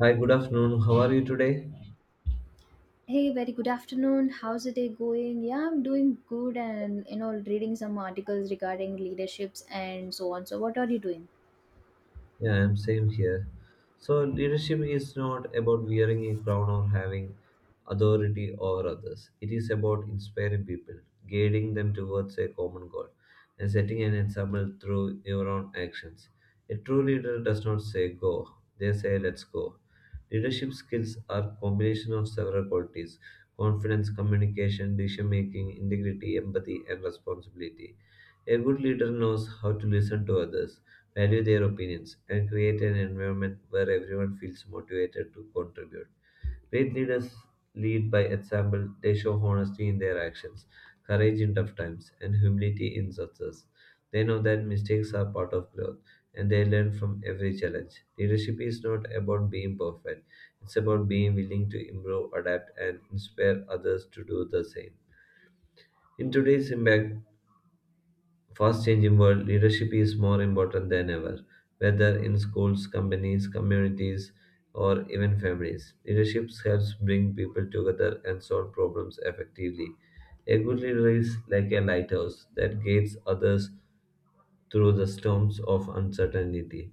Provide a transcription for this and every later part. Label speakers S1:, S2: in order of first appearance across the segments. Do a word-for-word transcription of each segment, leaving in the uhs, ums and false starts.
S1: Hi, good afternoon. How are you today?
S2: Hey, very good afternoon. How's the day going? Yeah, I'm doing good and you know, reading some articles regarding leaderships and so on. So, what are you doing?
S1: Yeah, I'm same here. So leadership is not about wearing a crown or having authority over others. It is about inspiring people, guiding them towards a common goal, and setting an example through your own actions. A true leader does not say go, they say let's go. Leadership skills are combination of several qualities: confidence, communication, decision making, integrity, empathy, and responsibility. A good leader knows how to listen to others value their opinions, and create an environment where everyone feels motivated to contribute. Great leaders lead by example, they show honesty in their actions, courage in tough times, and humility in success. They know that mistakes are part of growth and they learn from every challenge. Leadership is not about being perfect, it's about being willing to improve, adapt, and inspire others to do the same. In today's impact fast changing world, leadership is more important than ever, whether in schools, companies, communities, or even families. Leadership helps bring people together and solve problems effectively. A good leader is like a lighthouse that guides others through the storms of uncertainty.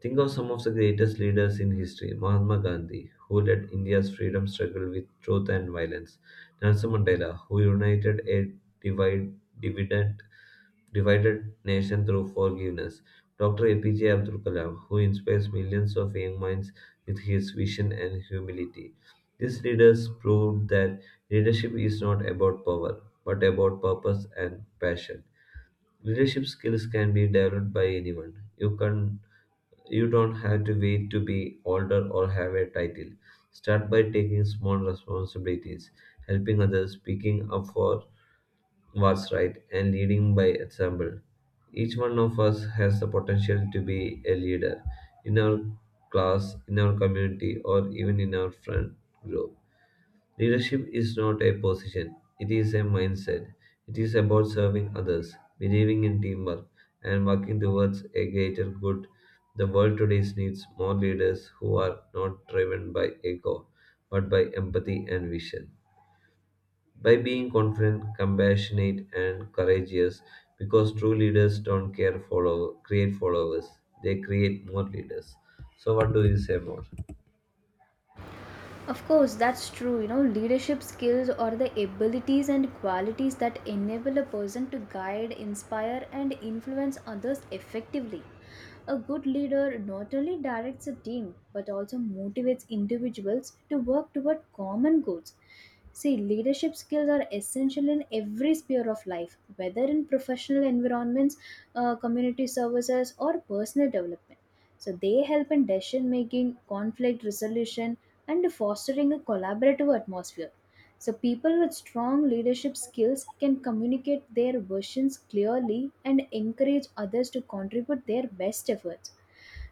S1: Think of some of the greatest leaders in history: Mahatma Gandhi, who led India's freedom struggle with truth and violence; Nelson Mandela, who united a divide, divided divided nation through forgiveness; Doctor A P J Abdul Kalam, who inspires millions of young minds with his vision and humility. These leaders proved that leadership is not about power, but about purpose and passion. Leadership skills can be developed by anyone. You can you don't have to wait to be older or have a title. Start by taking small responsibilities, helping others, speaking up for was right and leading by example. Each one of us has the potential to be a leader in our class, in our community, or even in our friend group. Leadership is not a position, it is a mindset. It is about serving others, believing in teamwork, and working towards a greater good. The world today needs more leaders who are not driven by ego, but by empathy and vision, by being confident, compassionate, and courageous. Because true leaders don't care follow create followers; they create more leaders. So, what do you say more?
S2: Of course, that's true. You know, leadership skills are the abilities and qualities that enable a person to guide, inspire, and influence others effectively. A good leader not only directs a team but also motivates individuals to work toward common goals. See, leadership skills are essential in every sphere of life, whether in professional environments, uh, community services, or personal development. So, they help in decision making, conflict resolution, and fostering a collaborative atmosphere. So, people with strong leadership skills can communicate their visions clearly and encourage others to contribute their best efforts.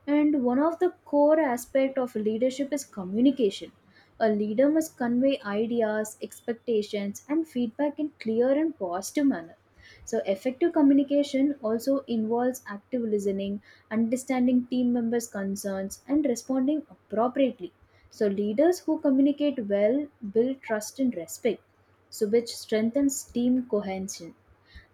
S2: And one of the core aspects of leadership is communication. A leader must convey ideas, expectations, and feedback in clear and positive manner. So, effective communication also involves active listening, understanding team members' concerns, and responding appropriately. So, leaders who communicate well build trust and respect, so which strengthens team cohesion.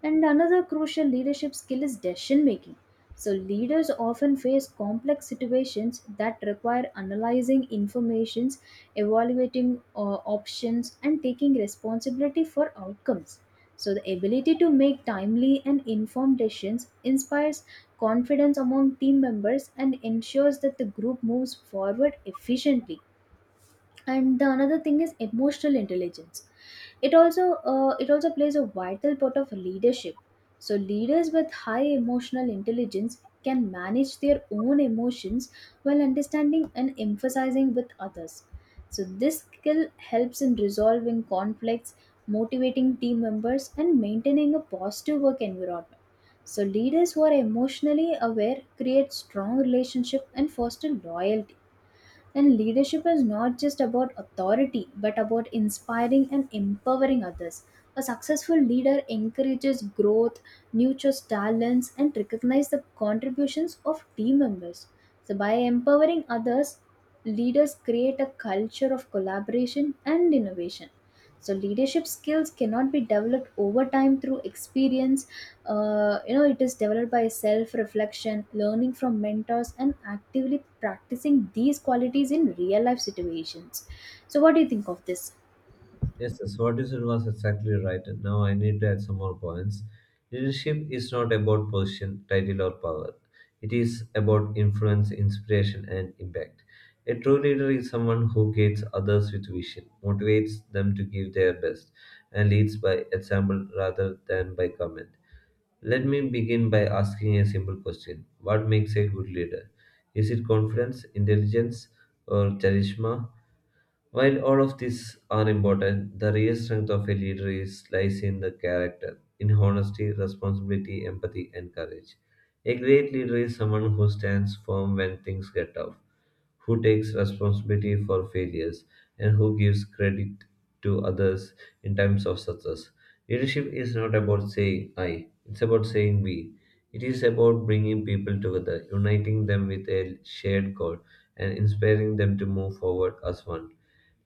S2: And another crucial leadership skill is decision making. So, leaders often face complex situations that require analyzing information,s evaluating uh, options, and taking responsibility for outcomes. So, the ability to make timely and informed decisions inspires confidence among team members and ensures that the group moves forward efficiently. And the another thing is emotional intelligence. It also uh, it also plays a vital part of leadership. So, leaders with high emotional intelligence can manage their own emotions while understanding and emphasizing with others. So, this skill helps in resolving conflicts, motivating team members, and maintaining a positive work environment. So, leaders who are emotionally aware create strong relationship and foster loyalty. And leadership is not just about authority, but about inspiring and empowering others. A successful leader encourages growth, nurtures talents, and recognizes the contributions of team members. So, by empowering others, leaders create a culture of collaboration and innovation. So, leadership skills cannot be developed over time through experience. Uh, you know it is developed by self reflection, learning from mentors, and actively practicing these qualities in real life situations. So, what do you think of this?
S1: Yes, yes, what you said was exactly right. Now I need to add some more points. Leadership is not about position, title, or power. It is about influence, inspiration, and impact. A true leader is someone who guides others with vision, motivates them to give their best, and leads by example rather than by comment. Let me begin by asking a simple question: what makes a good leader? Is it confidence, intelligence, or charisma? While all of these are important, the real strength of a leader is, lies in the character, in honesty, responsibility, empathy, and courage. A great leader is someone who stands firm when things get tough, who takes responsibility for failures, and who gives credit to others in times of success. Leadership is not about saying I, it's about saying we. It is about bringing people together, uniting them with a shared goal, and inspiring them to move forward as one.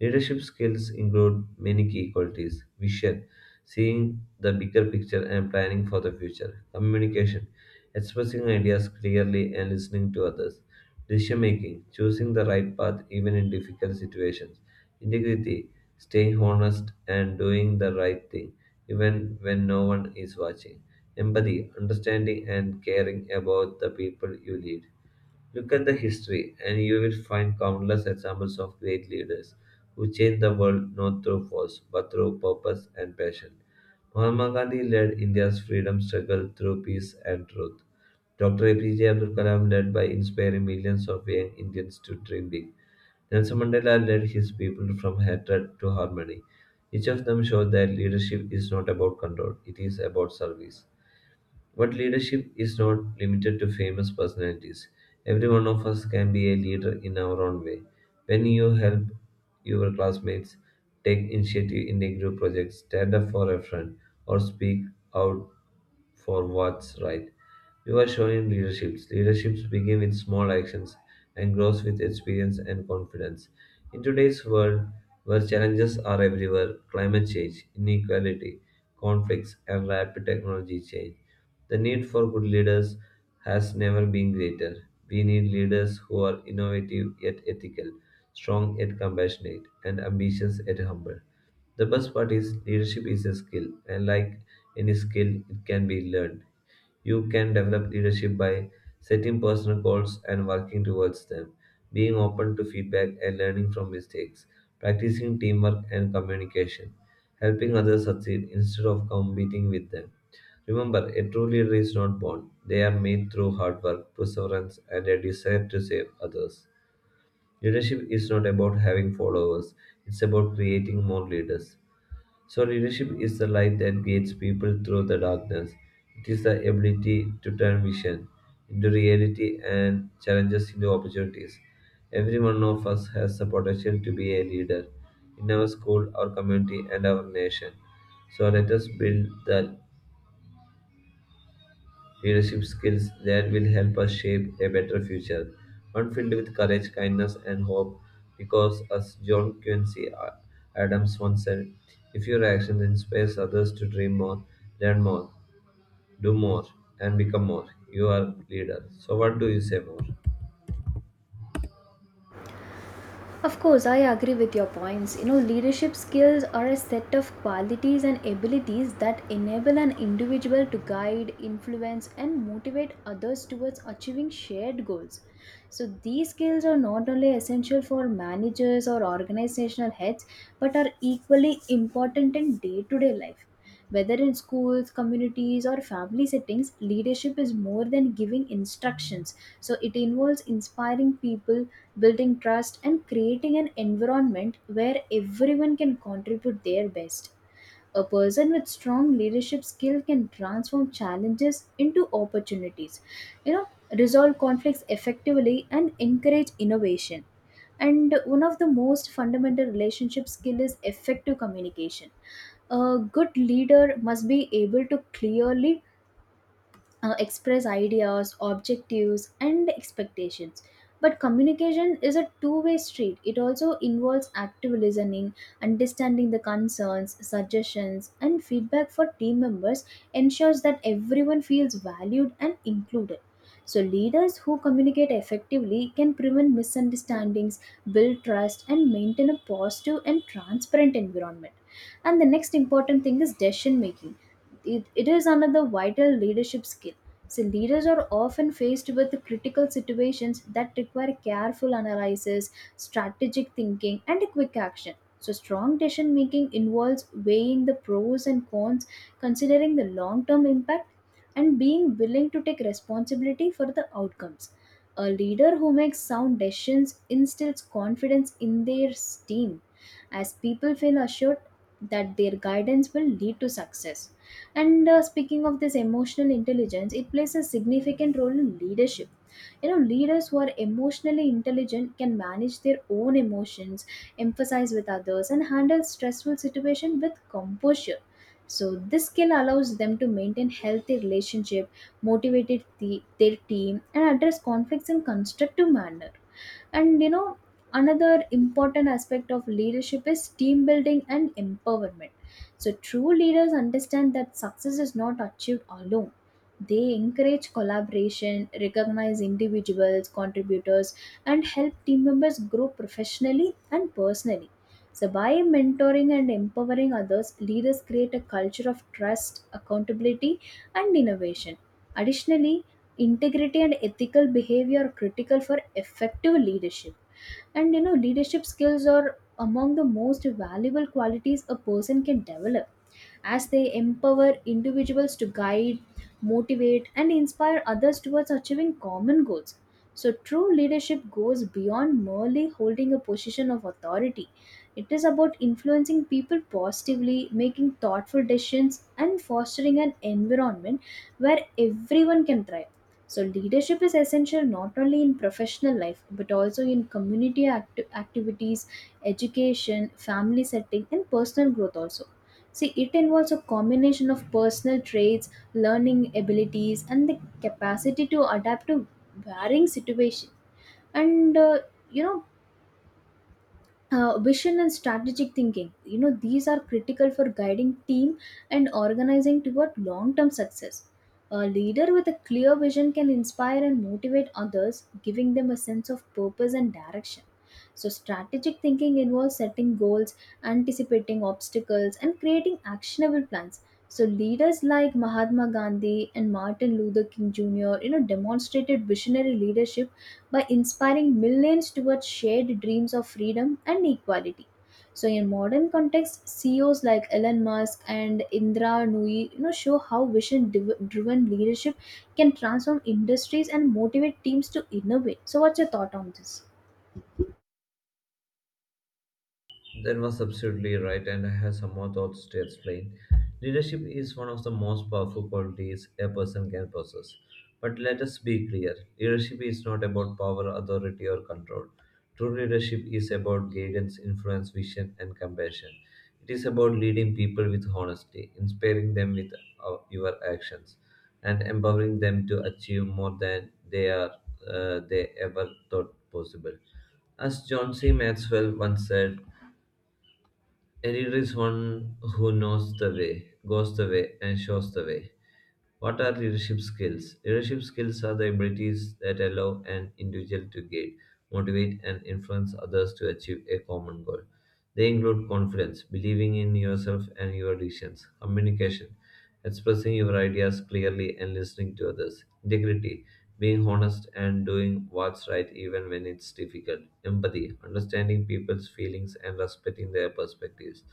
S1: Leadership skills include many key qualities: vision, seeing the bigger picture and planning for the future; communication, expressing ideas clearly and listening to others; decision making, choosing the right path even in difficult situations; integrity, staying honest and doing the right thing even when no one is watching; empathy, understanding and caring about the people you lead. Look at the history, and you will find countless examples of great leaders who changed the world not through force but through purpose and passion. Mahatma Gandhi led India's freedom struggle through peace and truth. Doctor A P J Abdul Kalam led by inspiring millions of young Indians to dream big. Nelson Mandela led his people from hatred to harmony. Each of them showed that leadership is not about control, it is about service. But leadership is not limited to famous personalities. Every one of us can be a leader in our own way. When you help your classmates, take initiative in a group project, stand up for a friend, or speak out for what's right, you are showing leaderships. Leaderships begin with small actions and grows with experience and confidence. In today's world, where challenges are everywhere, climate change, inequality, conflicts, and rapid technology change, the need for good leaders has never been greater. We need leaders who are innovative yet ethical, strong yet compassionate, and ambitious yet humble. The best part is leadership is a skill, and like any skill, it can be learned. You can develop leadership by setting personal goals and working towards them, being open to feedback and learning from mistakes, practicing teamwork and communication, helping others succeed instead of competing with them. Remember, a true leader is not born. They are made through hard work, perseverance, and a desire to save others. Leadership is not about having followers, it's about creating more leaders. So, leadership is the light that guides people through the darkness. It is the ability to turn vision into reality and challenges into opportunities. Every one of us has the potential to be a leader in our school, our community, and our nation. So, let us build that leadership skills that will help us shape a better future, one filled with courage, kindness, and hope. Because, as John Quincy A- Adams once said, if your actions inspire others to dream more, learn more, do more, and become more, you are a leader. So, what do you say more?
S2: Of course, I agree with your points. You know, leadership skills are a set of qualities and abilities that enable an individual to guide, influence, and motivate others towards achieving shared goals. So, these skills are not only essential for managers or organizational heads, but are equally important in day to day life. Whether in schools, communities, or family settings, leadership is more than giving instructions. So it involves inspiring people, building trust, and creating an environment where everyone can contribute their best. A person with strong leadership skill can transform challenges into opportunities, you know, resolve conflicts effectively and encourage innovation. And one of the most fundamental relationship skill is effective communication. A good leader must be able to clearly uh, express ideas, objectives, and expectations. But communication is a two way street. It also involves active listening, understanding the concerns, suggestions, and feedback for team members, ensures that everyone feels valued and included. So, leaders who communicate effectively can prevent misunderstandings, build trust, and maintain a positive and transparent environment. And the next important thing is decision making. It, it is another vital leadership skill. So, leaders are often faced with critical situations that require careful analysis, strategic thinking, and quick action. So, strong decision making involves weighing the pros and cons, considering the long term impact, and being willing to take responsibility for the outcomes. A leader who makes sound decisions instills confidence in their team, as people feel assured that their guidance will lead to success. And uh, speaking of this emotional intelligence, it plays a significant role in leadership. You know, leaders who are emotionally intelligent can manage their own emotions, emphasize with others, and handle stressful situations with composure. So, this skill allows them to maintain healthy relationship, motivate the, their team, and address conflicts in constructive manner. And you know another important aspect of leadership is team building and empowerment. So, true leaders understand that success is not achieved alone. They encourage collaboration, recognize individuals contributors, and help team members grow professionally and personally. So, by mentoring and empowering others, leaders create a culture of trust, accountability, and innovation. Additionally, integrity and ethical behavior are critical for effective leadership. And you know leadership skills are among the most valuable qualities a person can develop, as they empower individuals to guide, motivate, and inspire others towards achieving common goals. So, true leadership goes beyond merely holding a position of authority. It is about influencing people positively, making thoughtful decisions, and fostering an environment where everyone can thrive. So, leadership is essential not only in professional life but also in community act- activities, education, family setting, and personal growth. Also, see, it involves a combination of personal traits, learning abilities, and the capacity to adapt to varying situations. And uh, you know, uh, vision and strategic thinking, you know these are critical for guiding team and organizing toward long-term success. A leader with a clear vision can inspire and motivate others, giving them a sense of purpose and direction. So, strategic thinking involves setting goals, anticipating obstacles, and creating actionable plans. So, leaders like Mahatma Gandhi and Martin Luther King Jr., you know demonstrated visionary leadership by inspiring millions towards shared dreams of freedom and equality. So, in modern context, C E Os like Elon Musk and Indra Nui, you know, show how vision-driven leadership can transform industries and motivate teams to innovate. So, what's your thought on this?
S1: That was absolutely right, and I have some more thoughts to explain. Leadership is one of the most powerful qualities a person can possess. But let us be clear: leadership is not about power, authority, or control. True leadership is about guidance, influence, vision, and compassion. It is about leading people with honesty, inspiring them with uh, your actions, and empowering them to achieve more than they, are, uh, they ever thought possible. As John C. Maxwell once said, a leader is one who knows the way, goes the way, and shows the way. What are leadership skills? Leadership skills are the abilities that allow an individual to guide, motivate, and influence others to achieve a common goal. They include confidence, believing in yourself and your decisions; communication, expressing your ideas clearly and listening to others; integrity, being honest and doing what's right even when it's difficult; empathy, understanding people's feelings and respecting their perspectives;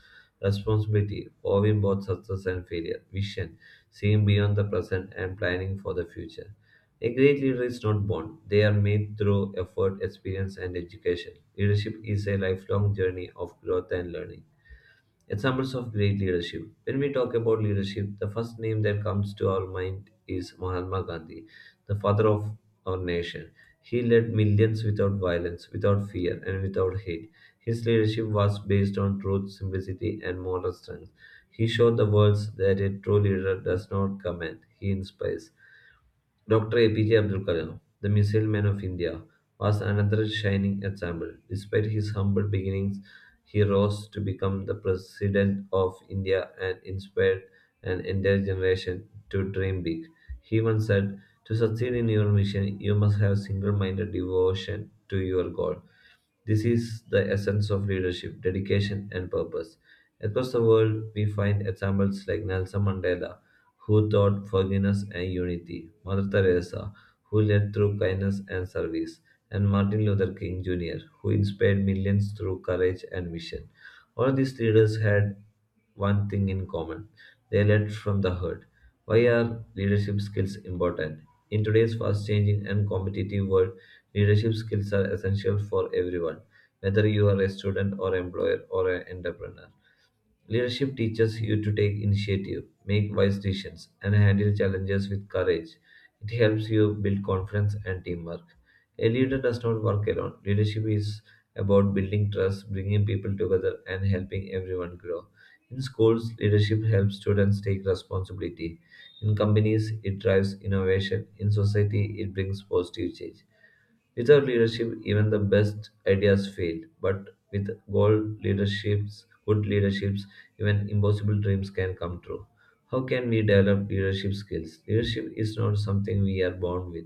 S1: responsibility, owning both success and failure; vision, seeing beyond the present and planning for the future. A great leader is not born, they are made through effort, experience, and education. Leadership is a lifelong journey of growth and learning. Examples of great leadership: when we talk about leadership, the first name that comes to our mind is Mahatma Gandhi, the father of our nation. He led millions without violence, without fear, and without hate. His leadership was based on truth, simplicity, and moral strength. He showed the world that a true leader does not command, he inspires. Doctor A P J Abdul Kalam, the Missile Man of India, was another shining example. Despite his humble beginnings, he rose to become the President of India and inspired an entire generation to dream big. He once said, to succeed in your mission, you must have single minded devotion to your goal. This is the essence of leadership, dedication, and purpose. Across the world, we find examples like Nelson Mandela, who taught forgiveness and unity; Mother Teresa, who led through kindness and service; and Martin Luther King Junior, who inspired millions through courage and vision. All these leaders had one thing in common: they led from the herd. Why are leadership skills important? In today's fast changing and competitive world, leadership skills are essential for everyone, whether you are a student or employer or an entrepreneur. Leadership teaches you to take initiative, make wise decisions, and handle challenges with courage. It helps you build confidence and teamwork. A leader does not work alone. Leadership is about building trust, bringing people together, and helping everyone grow. In schools, leadership helps students take responsibility. In companies, it drives innovation. In society, it brings positive change. Without leadership, even the best ideas fail. But with goal leaderships, good leaderships, even impossible dreams can come true. How can we develop leadership skills? Leadership is not something we are born with.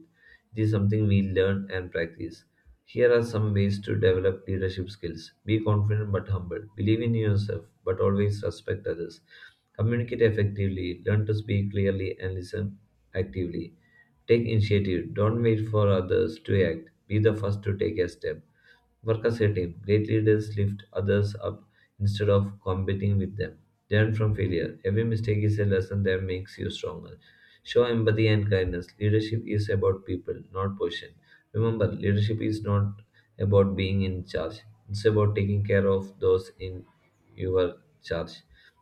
S1: It is something we learn and practice. Here are some ways to develop leadership skills. Be confident but humble. Believe in yourself but always respect others. Communicate effectively. Learn to speak clearly and listen actively. Take initiative. Don't wait for others to act. Be the first to take a step. Work as a team. Great leaders lift others up instead of competing with them. Learn from failure. Every mistake is a lesson that makes you stronger. Show empathy and kindness. Leadership is about people, not position. Remember, leadership is not about being in charge. It's about taking care of those in your charge.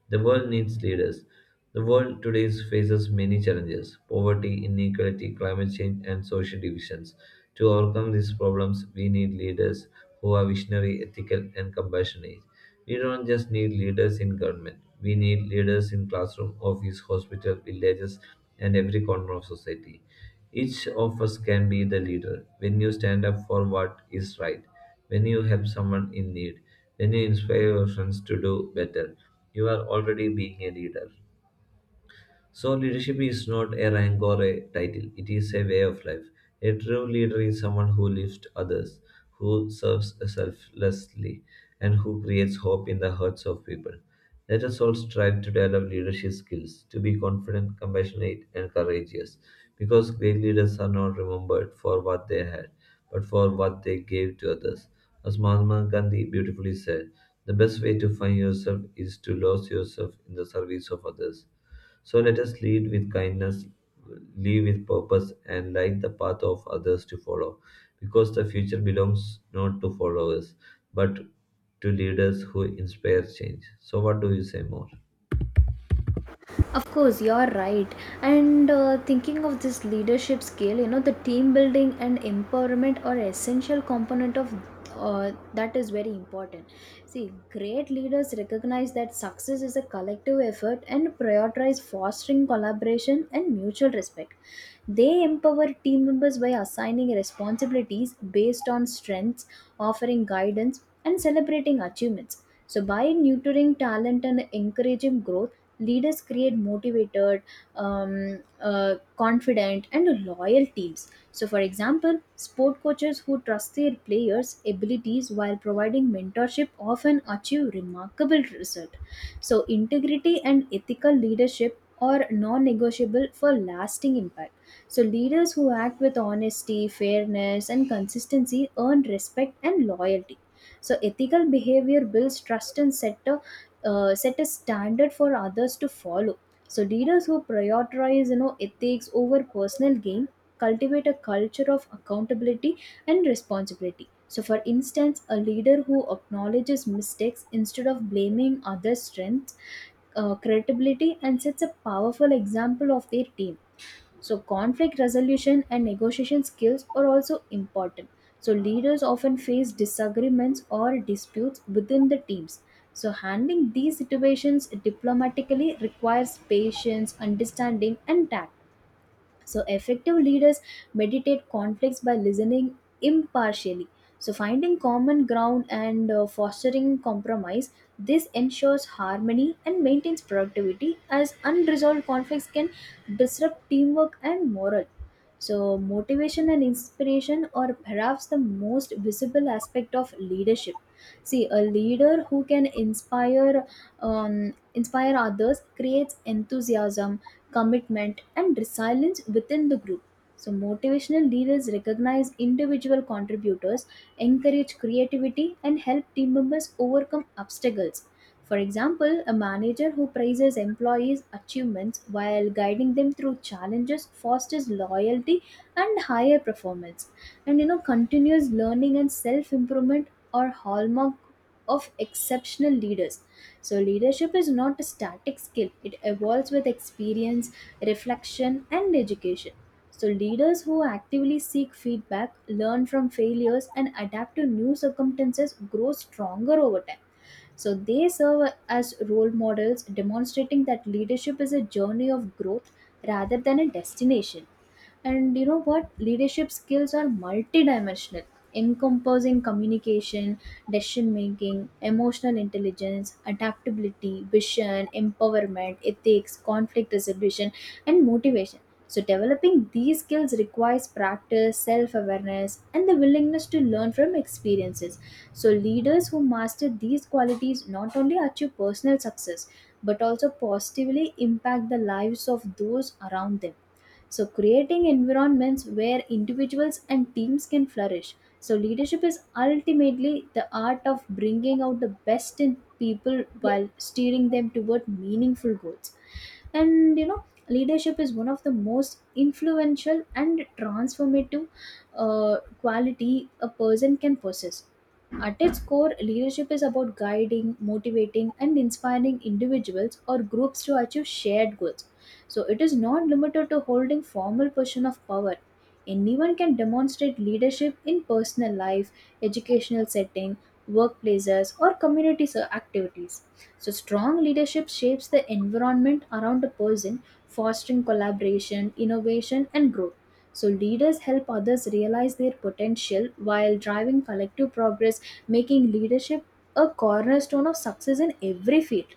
S1: The world needs leaders. The world today faces many challenges poverty, inequality, climate change, and social divisions. To overcome these problems, we need leaders who are visionary, ethical, and compassionate. We don't just need leaders in government. We need leaders in classroom, office, hospital, villages, and every corner of society. Each of us can be the leader when you stand up for what is right, when you help someone in need, when you inspire your friends to do better. You are already being a leader. So, leadership is not a rank or a title, it is a way of life. A true leader is someone who lifts others, who serves selflessly, and who creates hope in the hearts of people. Let us all strive to develop leadership skills, to be confident, compassionate, and courageous, because great leaders are not remembered for what they had, but for what they gave to others. As Mahatma Gandhi beautifully said, the best way to find yourself is to lose yourself in the service of others. So, let us lead with kindness, live with purpose, and light the path of others to follow. Because the future belongs not to followers, but to leaders who inspire change. So, what do you say more?
S2: Of course, you're right. And uh, thinking of this leadership skill, you know, the team building and empowerment are essential component of uh, that is very important. See, great leaders recognize that success is a collective effort and prioritize fostering collaboration and mutual respect. They empower team members by assigning responsibilities based on strengths, offering guidance, and celebrating achievements. So, by nurturing talent and encouraging growth, leaders create motivated, um, uh, confident, and loyal teams. So, for example, sport coaches who trust their players abilities while providing mentorship often achieve remarkable results. So, integrity and ethical leadership are non-negotiable for lasting impact. So, leaders who act with honesty, fairness, and consistency earn respect and loyalty. So, ethical behavior builds trust and set a uh, set a standard for others to follow. So, leaders who prioritize you know ethics over personal gain cultivate a culture of accountability and responsibility. So, for instance, a leader who acknowledges mistakes instead of blaming others' strengths, uh, credibility and sets a powerful example of their team. So, conflict resolution and negotiation skills are also important. So, leaders often face disagreements or disputes within the teams. So, handling these situations diplomatically requires patience, understanding, and tact. So, effective leaders meditate conflicts by listening impartially. So, finding common ground and uh, fostering compromise, this ensures harmony and maintains productivity, as unresolved conflicts can disrupt teamwork and morale. So, motivation and inspiration are perhaps the most visible aspect of leadership. See, a leader who can inspire um, inspire others creates enthusiasm, commitment, and resilience within the group. So, motivational leaders recognize individual contributors, encourage creativity, and help team members overcome obstacles. For example, a manager who praises employees' achievements while guiding them through challenges fosters loyalty and higher performance. And you know, continuous learning and self improvement are hallmark of exceptional leaders. So, leadership is not a static skill, it evolves with experience, reflection, and education. So, leaders who actively seek feedback, learn from failures, and adapt to new circumstances grow stronger over time. So, they serve as role models, demonstrating that leadership is a journey of growth rather than a destination. And you know what? Leadership skills are multidimensional, encompassing communication, decision making, emotional intelligence, adaptability, vision, empowerment, ethics, conflict resolution, and motivation. So, developing these skills requires practice, self awareness, and the willingness to learn from experiences. So, leaders who master these qualities not only achieve personal success but also positively impact the lives of those around them, so creating environments where individuals and teams can flourish. So, leadership is ultimately the art of bringing out the best in people while steering them toward meaningful goals. And you know, leadership is one of the most influential and transformative uh, quality a person can possess. At its core, leadership is about guiding, motivating, and inspiring individuals or groups to achieve shared goals. So, it is not limited to holding formal position of power. Anyone can demonstrate leadership in personal life, educational setting, workplaces, or community ser- activities. So, strong leadership shapes the environment around a person, fostering collaboration, innovation, and growth. So, leaders help others realize their potential while driving collective progress, making leadership a cornerstone of success in every field.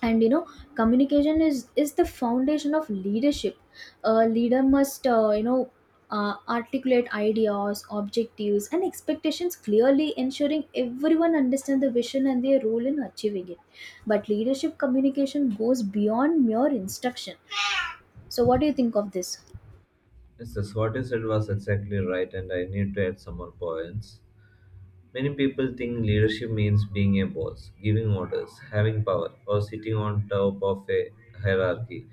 S2: And you know, communication is, is the foundation of leadership. A leader must, uh, you know, uh, articulate ideas, objectives, and expectations clearly, ensuring everyone understands the vision and their role in achieving it. But leadership communication goes beyond mere instruction. So, what do you think of this?
S1: Yes, that's what you said was exactly right, and I need to add some more points. Many people think leadership means being a boss, giving orders, having power, or sitting on top of a hierarchy.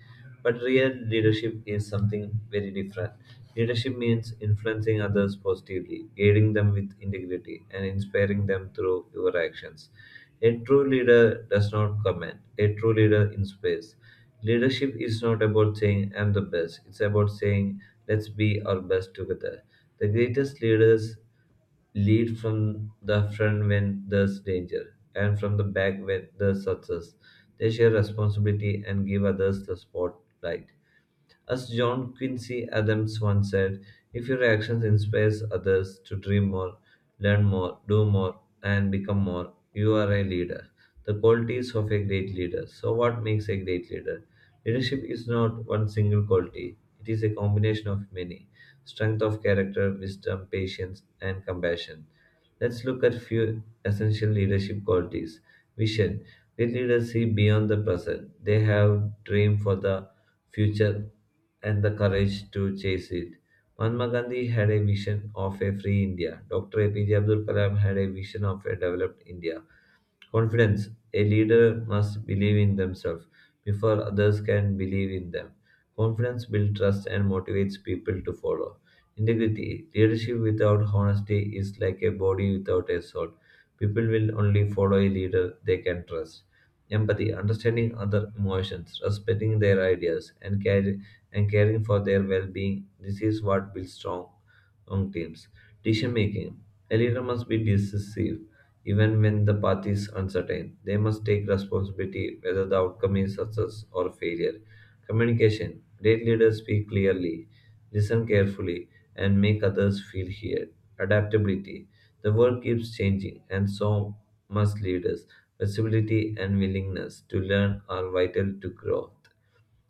S1: But real leadership is something very different. Leadership means influencing others positively, guiding them with integrity, and inspiring them through your actions. A true leader does not command, a true leader inspires. Leadership is not about saying, I'm the best, it's about saying, let's be our best together. The greatest leaders lead from the front when there's danger, and from the back when there's success. They share responsibility and give others the spotlight. As John Quincy Adams once said, if your actions inspires others to dream more, learn more, do more, and become more, you are a leader. The qualities of a great leader. So, what makes a great leader? Leadership is not one single quality, it is a combination of many strength of character, wisdom, patience, and compassion. Let's look at few essential leadership qualities. Vision. Great leaders see beyond the present. They have dream for the future and the courage to chase it. Mahatma Gandhi had a vision of a free India. Doctor A P J Abdul Kalam had a vision of a developed India. Confidence. A leader must believe in themselves before others can believe in them. Confidence builds trust and motivates people to follow. Integrity. Leadership without honesty is like a body without a soul. People will only follow a leader they can trust. Empathy. Understanding other emotions, respecting their ideas, and, care, and caring for their well being. This is what builds strong strong teams. Decision making. A leader must be decisive even when the path is uncertain. They must take responsibility whether the outcome is success or failure. Communication. Great leaders speak clearly, listen carefully, and make others feel heard. Adaptability. The world keeps changing, and so must leaders. Flexibility and willingness to learn are vital to growth.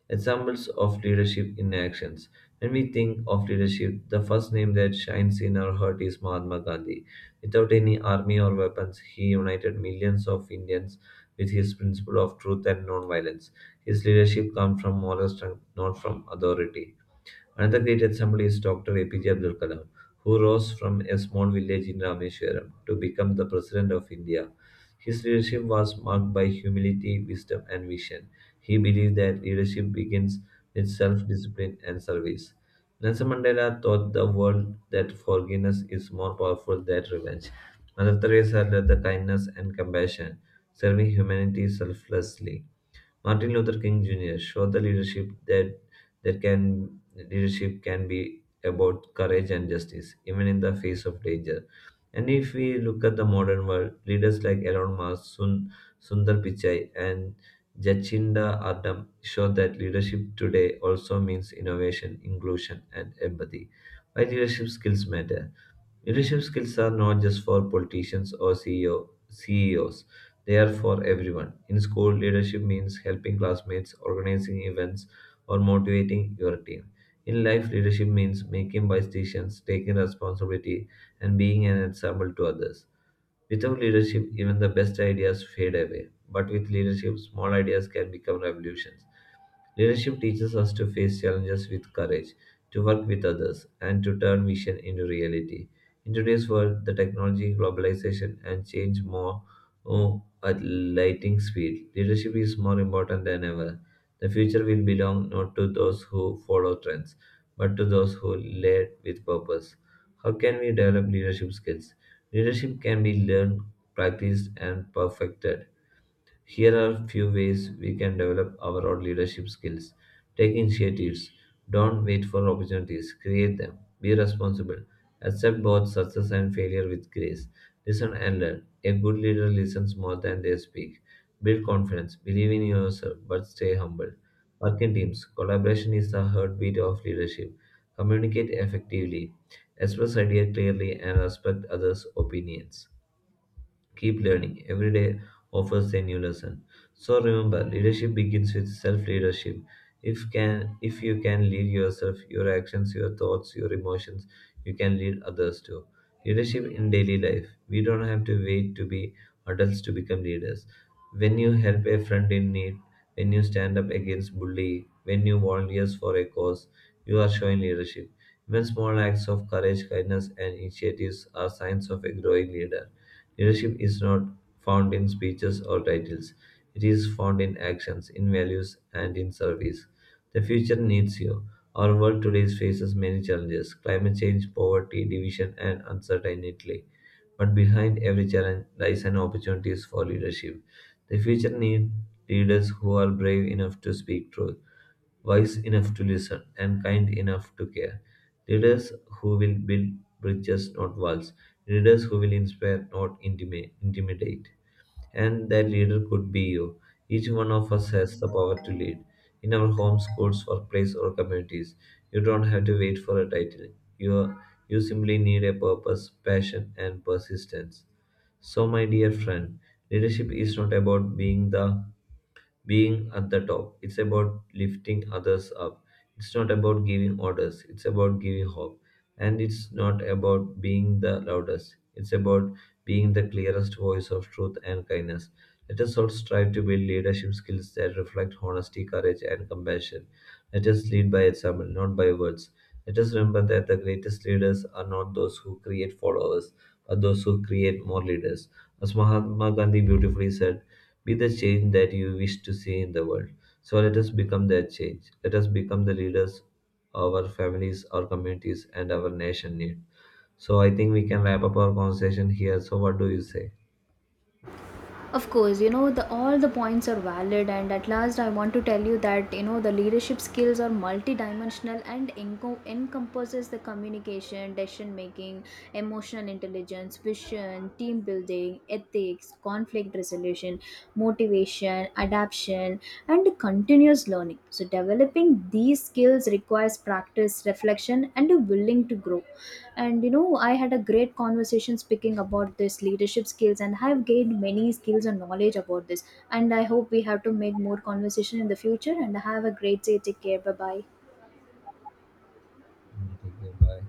S1: Examples of leadership in actions. When we think of leadership, the first name that shines in our heart is Mahatma Gandhi. Without any army or weapons, he united millions of Indians with his principle of truth and nonviolence. His leadership comes from moral strength, not from authority. Another great example is Doctor A P J Abdul Kalam, who rose from a small village in Rameswaram to become the President of India. His leadership was marked by humility, wisdom, and vision. He believed that leadership begins with self discipline and service. Nelson Mandela taught the world that forgiveness is more powerful than revenge. Mother Teresa led the kindness and compassion, serving humanity selflessly. Martin Luther King Junior showed the leadership that there can leadership can be about courage and justice, even in the face of danger. And if we look at the modern world, leaders like Elon Musk, Sun, Sundar Pichai, and Jacinda Ardern show that leadership today also means innovation, inclusion, and empathy. Why leadership skills matter? Leadership skills are not just for politicians or CEO, C E Os, they are for everyone. In school, leadership means helping classmates, organizing events, or motivating your team. In life, leadership means making wise decisions, taking responsibility, and being an example to others. Without leadership, even the best ideas fade away. But with leadership, small ideas can become revolutions. Leadership teaches us to face challenges with courage, to work with others, and to turn vision into reality. In today's world, the technology, globalization, and change more oh, at lightning speed, leadership is more important than ever. The future will belong not to those who follow trends, but to those who lead with purpose. How can we develop leadership skills? Leadership can be learned, practiced, and perfected. Here are few ways we can develop our own leadership skills. Take initiatives. Don't wait for opportunities. Create them. Be responsible. Accept both success and failure with grace. Listen and learn. A good leader listens more than they speak. Build confidence. Believe in yourself, but stay humble. Work in teams. Collaboration is the heartbeat of leadership. Communicate effectively. Express ideas clearly and respect others' opinions. Keep learning. Every day offers a new lesson. So remember, leadership begins with self-leadership. If can if you can lead yourself, your actions, your thoughts, your emotions, you can lead others too. Leadership in daily life. We don't have to wait to be adults to become leaders. When you help a friend in need, when you stand up against bully, when you volunteer for a cause, you are showing leadership. Even small acts of courage, kindness, and initiatives are signs of a growing leader. Leadership is not found in speeches or titles, it is found in actions, in values, and in service. The future needs you. Our world today faces many challenges climate change, poverty, division, and uncertainty. But behind every challenge lies an opportunity for leadership. The future needs leaders who are brave enough to speak truth, wise enough to listen, and kind enough to care. Leaders who will build bridges, not walls. Leaders who will inspire, not intimate, intimidate. And that leader could be you. Each one of us has the power to lead. In our homes, schools, workplace, or communities, you don't have to wait for a title. You, you simply need a purpose, passion, and persistence. So, my dear friend, leadership is not about being the being at the top. It's about lifting others up. It's not about giving orders. It's about giving hope. And it's not about being the loudest. It's about being the clearest voice of truth and kindness. Let us all strive to build leadership skills that reflect honesty, courage, and compassion. Let us lead by example, not by words. Let us remember that the greatest leaders are not those who create followers, but those who create more leaders. As Mahatma Gandhi beautifully said, be the change that you wish to see in the world. So let us become that change. Let us become the leaders our families, our communities, and our nation need. So I think we can wrap up our conversation here. So what do you say?
S2: Of course, you know, the, all the points are valid, and at last, I want to tell you that you know the leadership skills are multidimensional and enco- encompasses the communication, decision making, emotional intelligence, vision, team building, ethics, conflict resolution, motivation, adaptation, and continuous learning. So, developing these skills requires practice, reflection, and a willing to grow. And you know, I had a great conversation speaking about this leadership skills, and I have gained many skills and knowledge about this. And I hope we have to make more conversation in the future. And have a great day. Take care. Bye bye.
S1: Yeah, take care. Bye.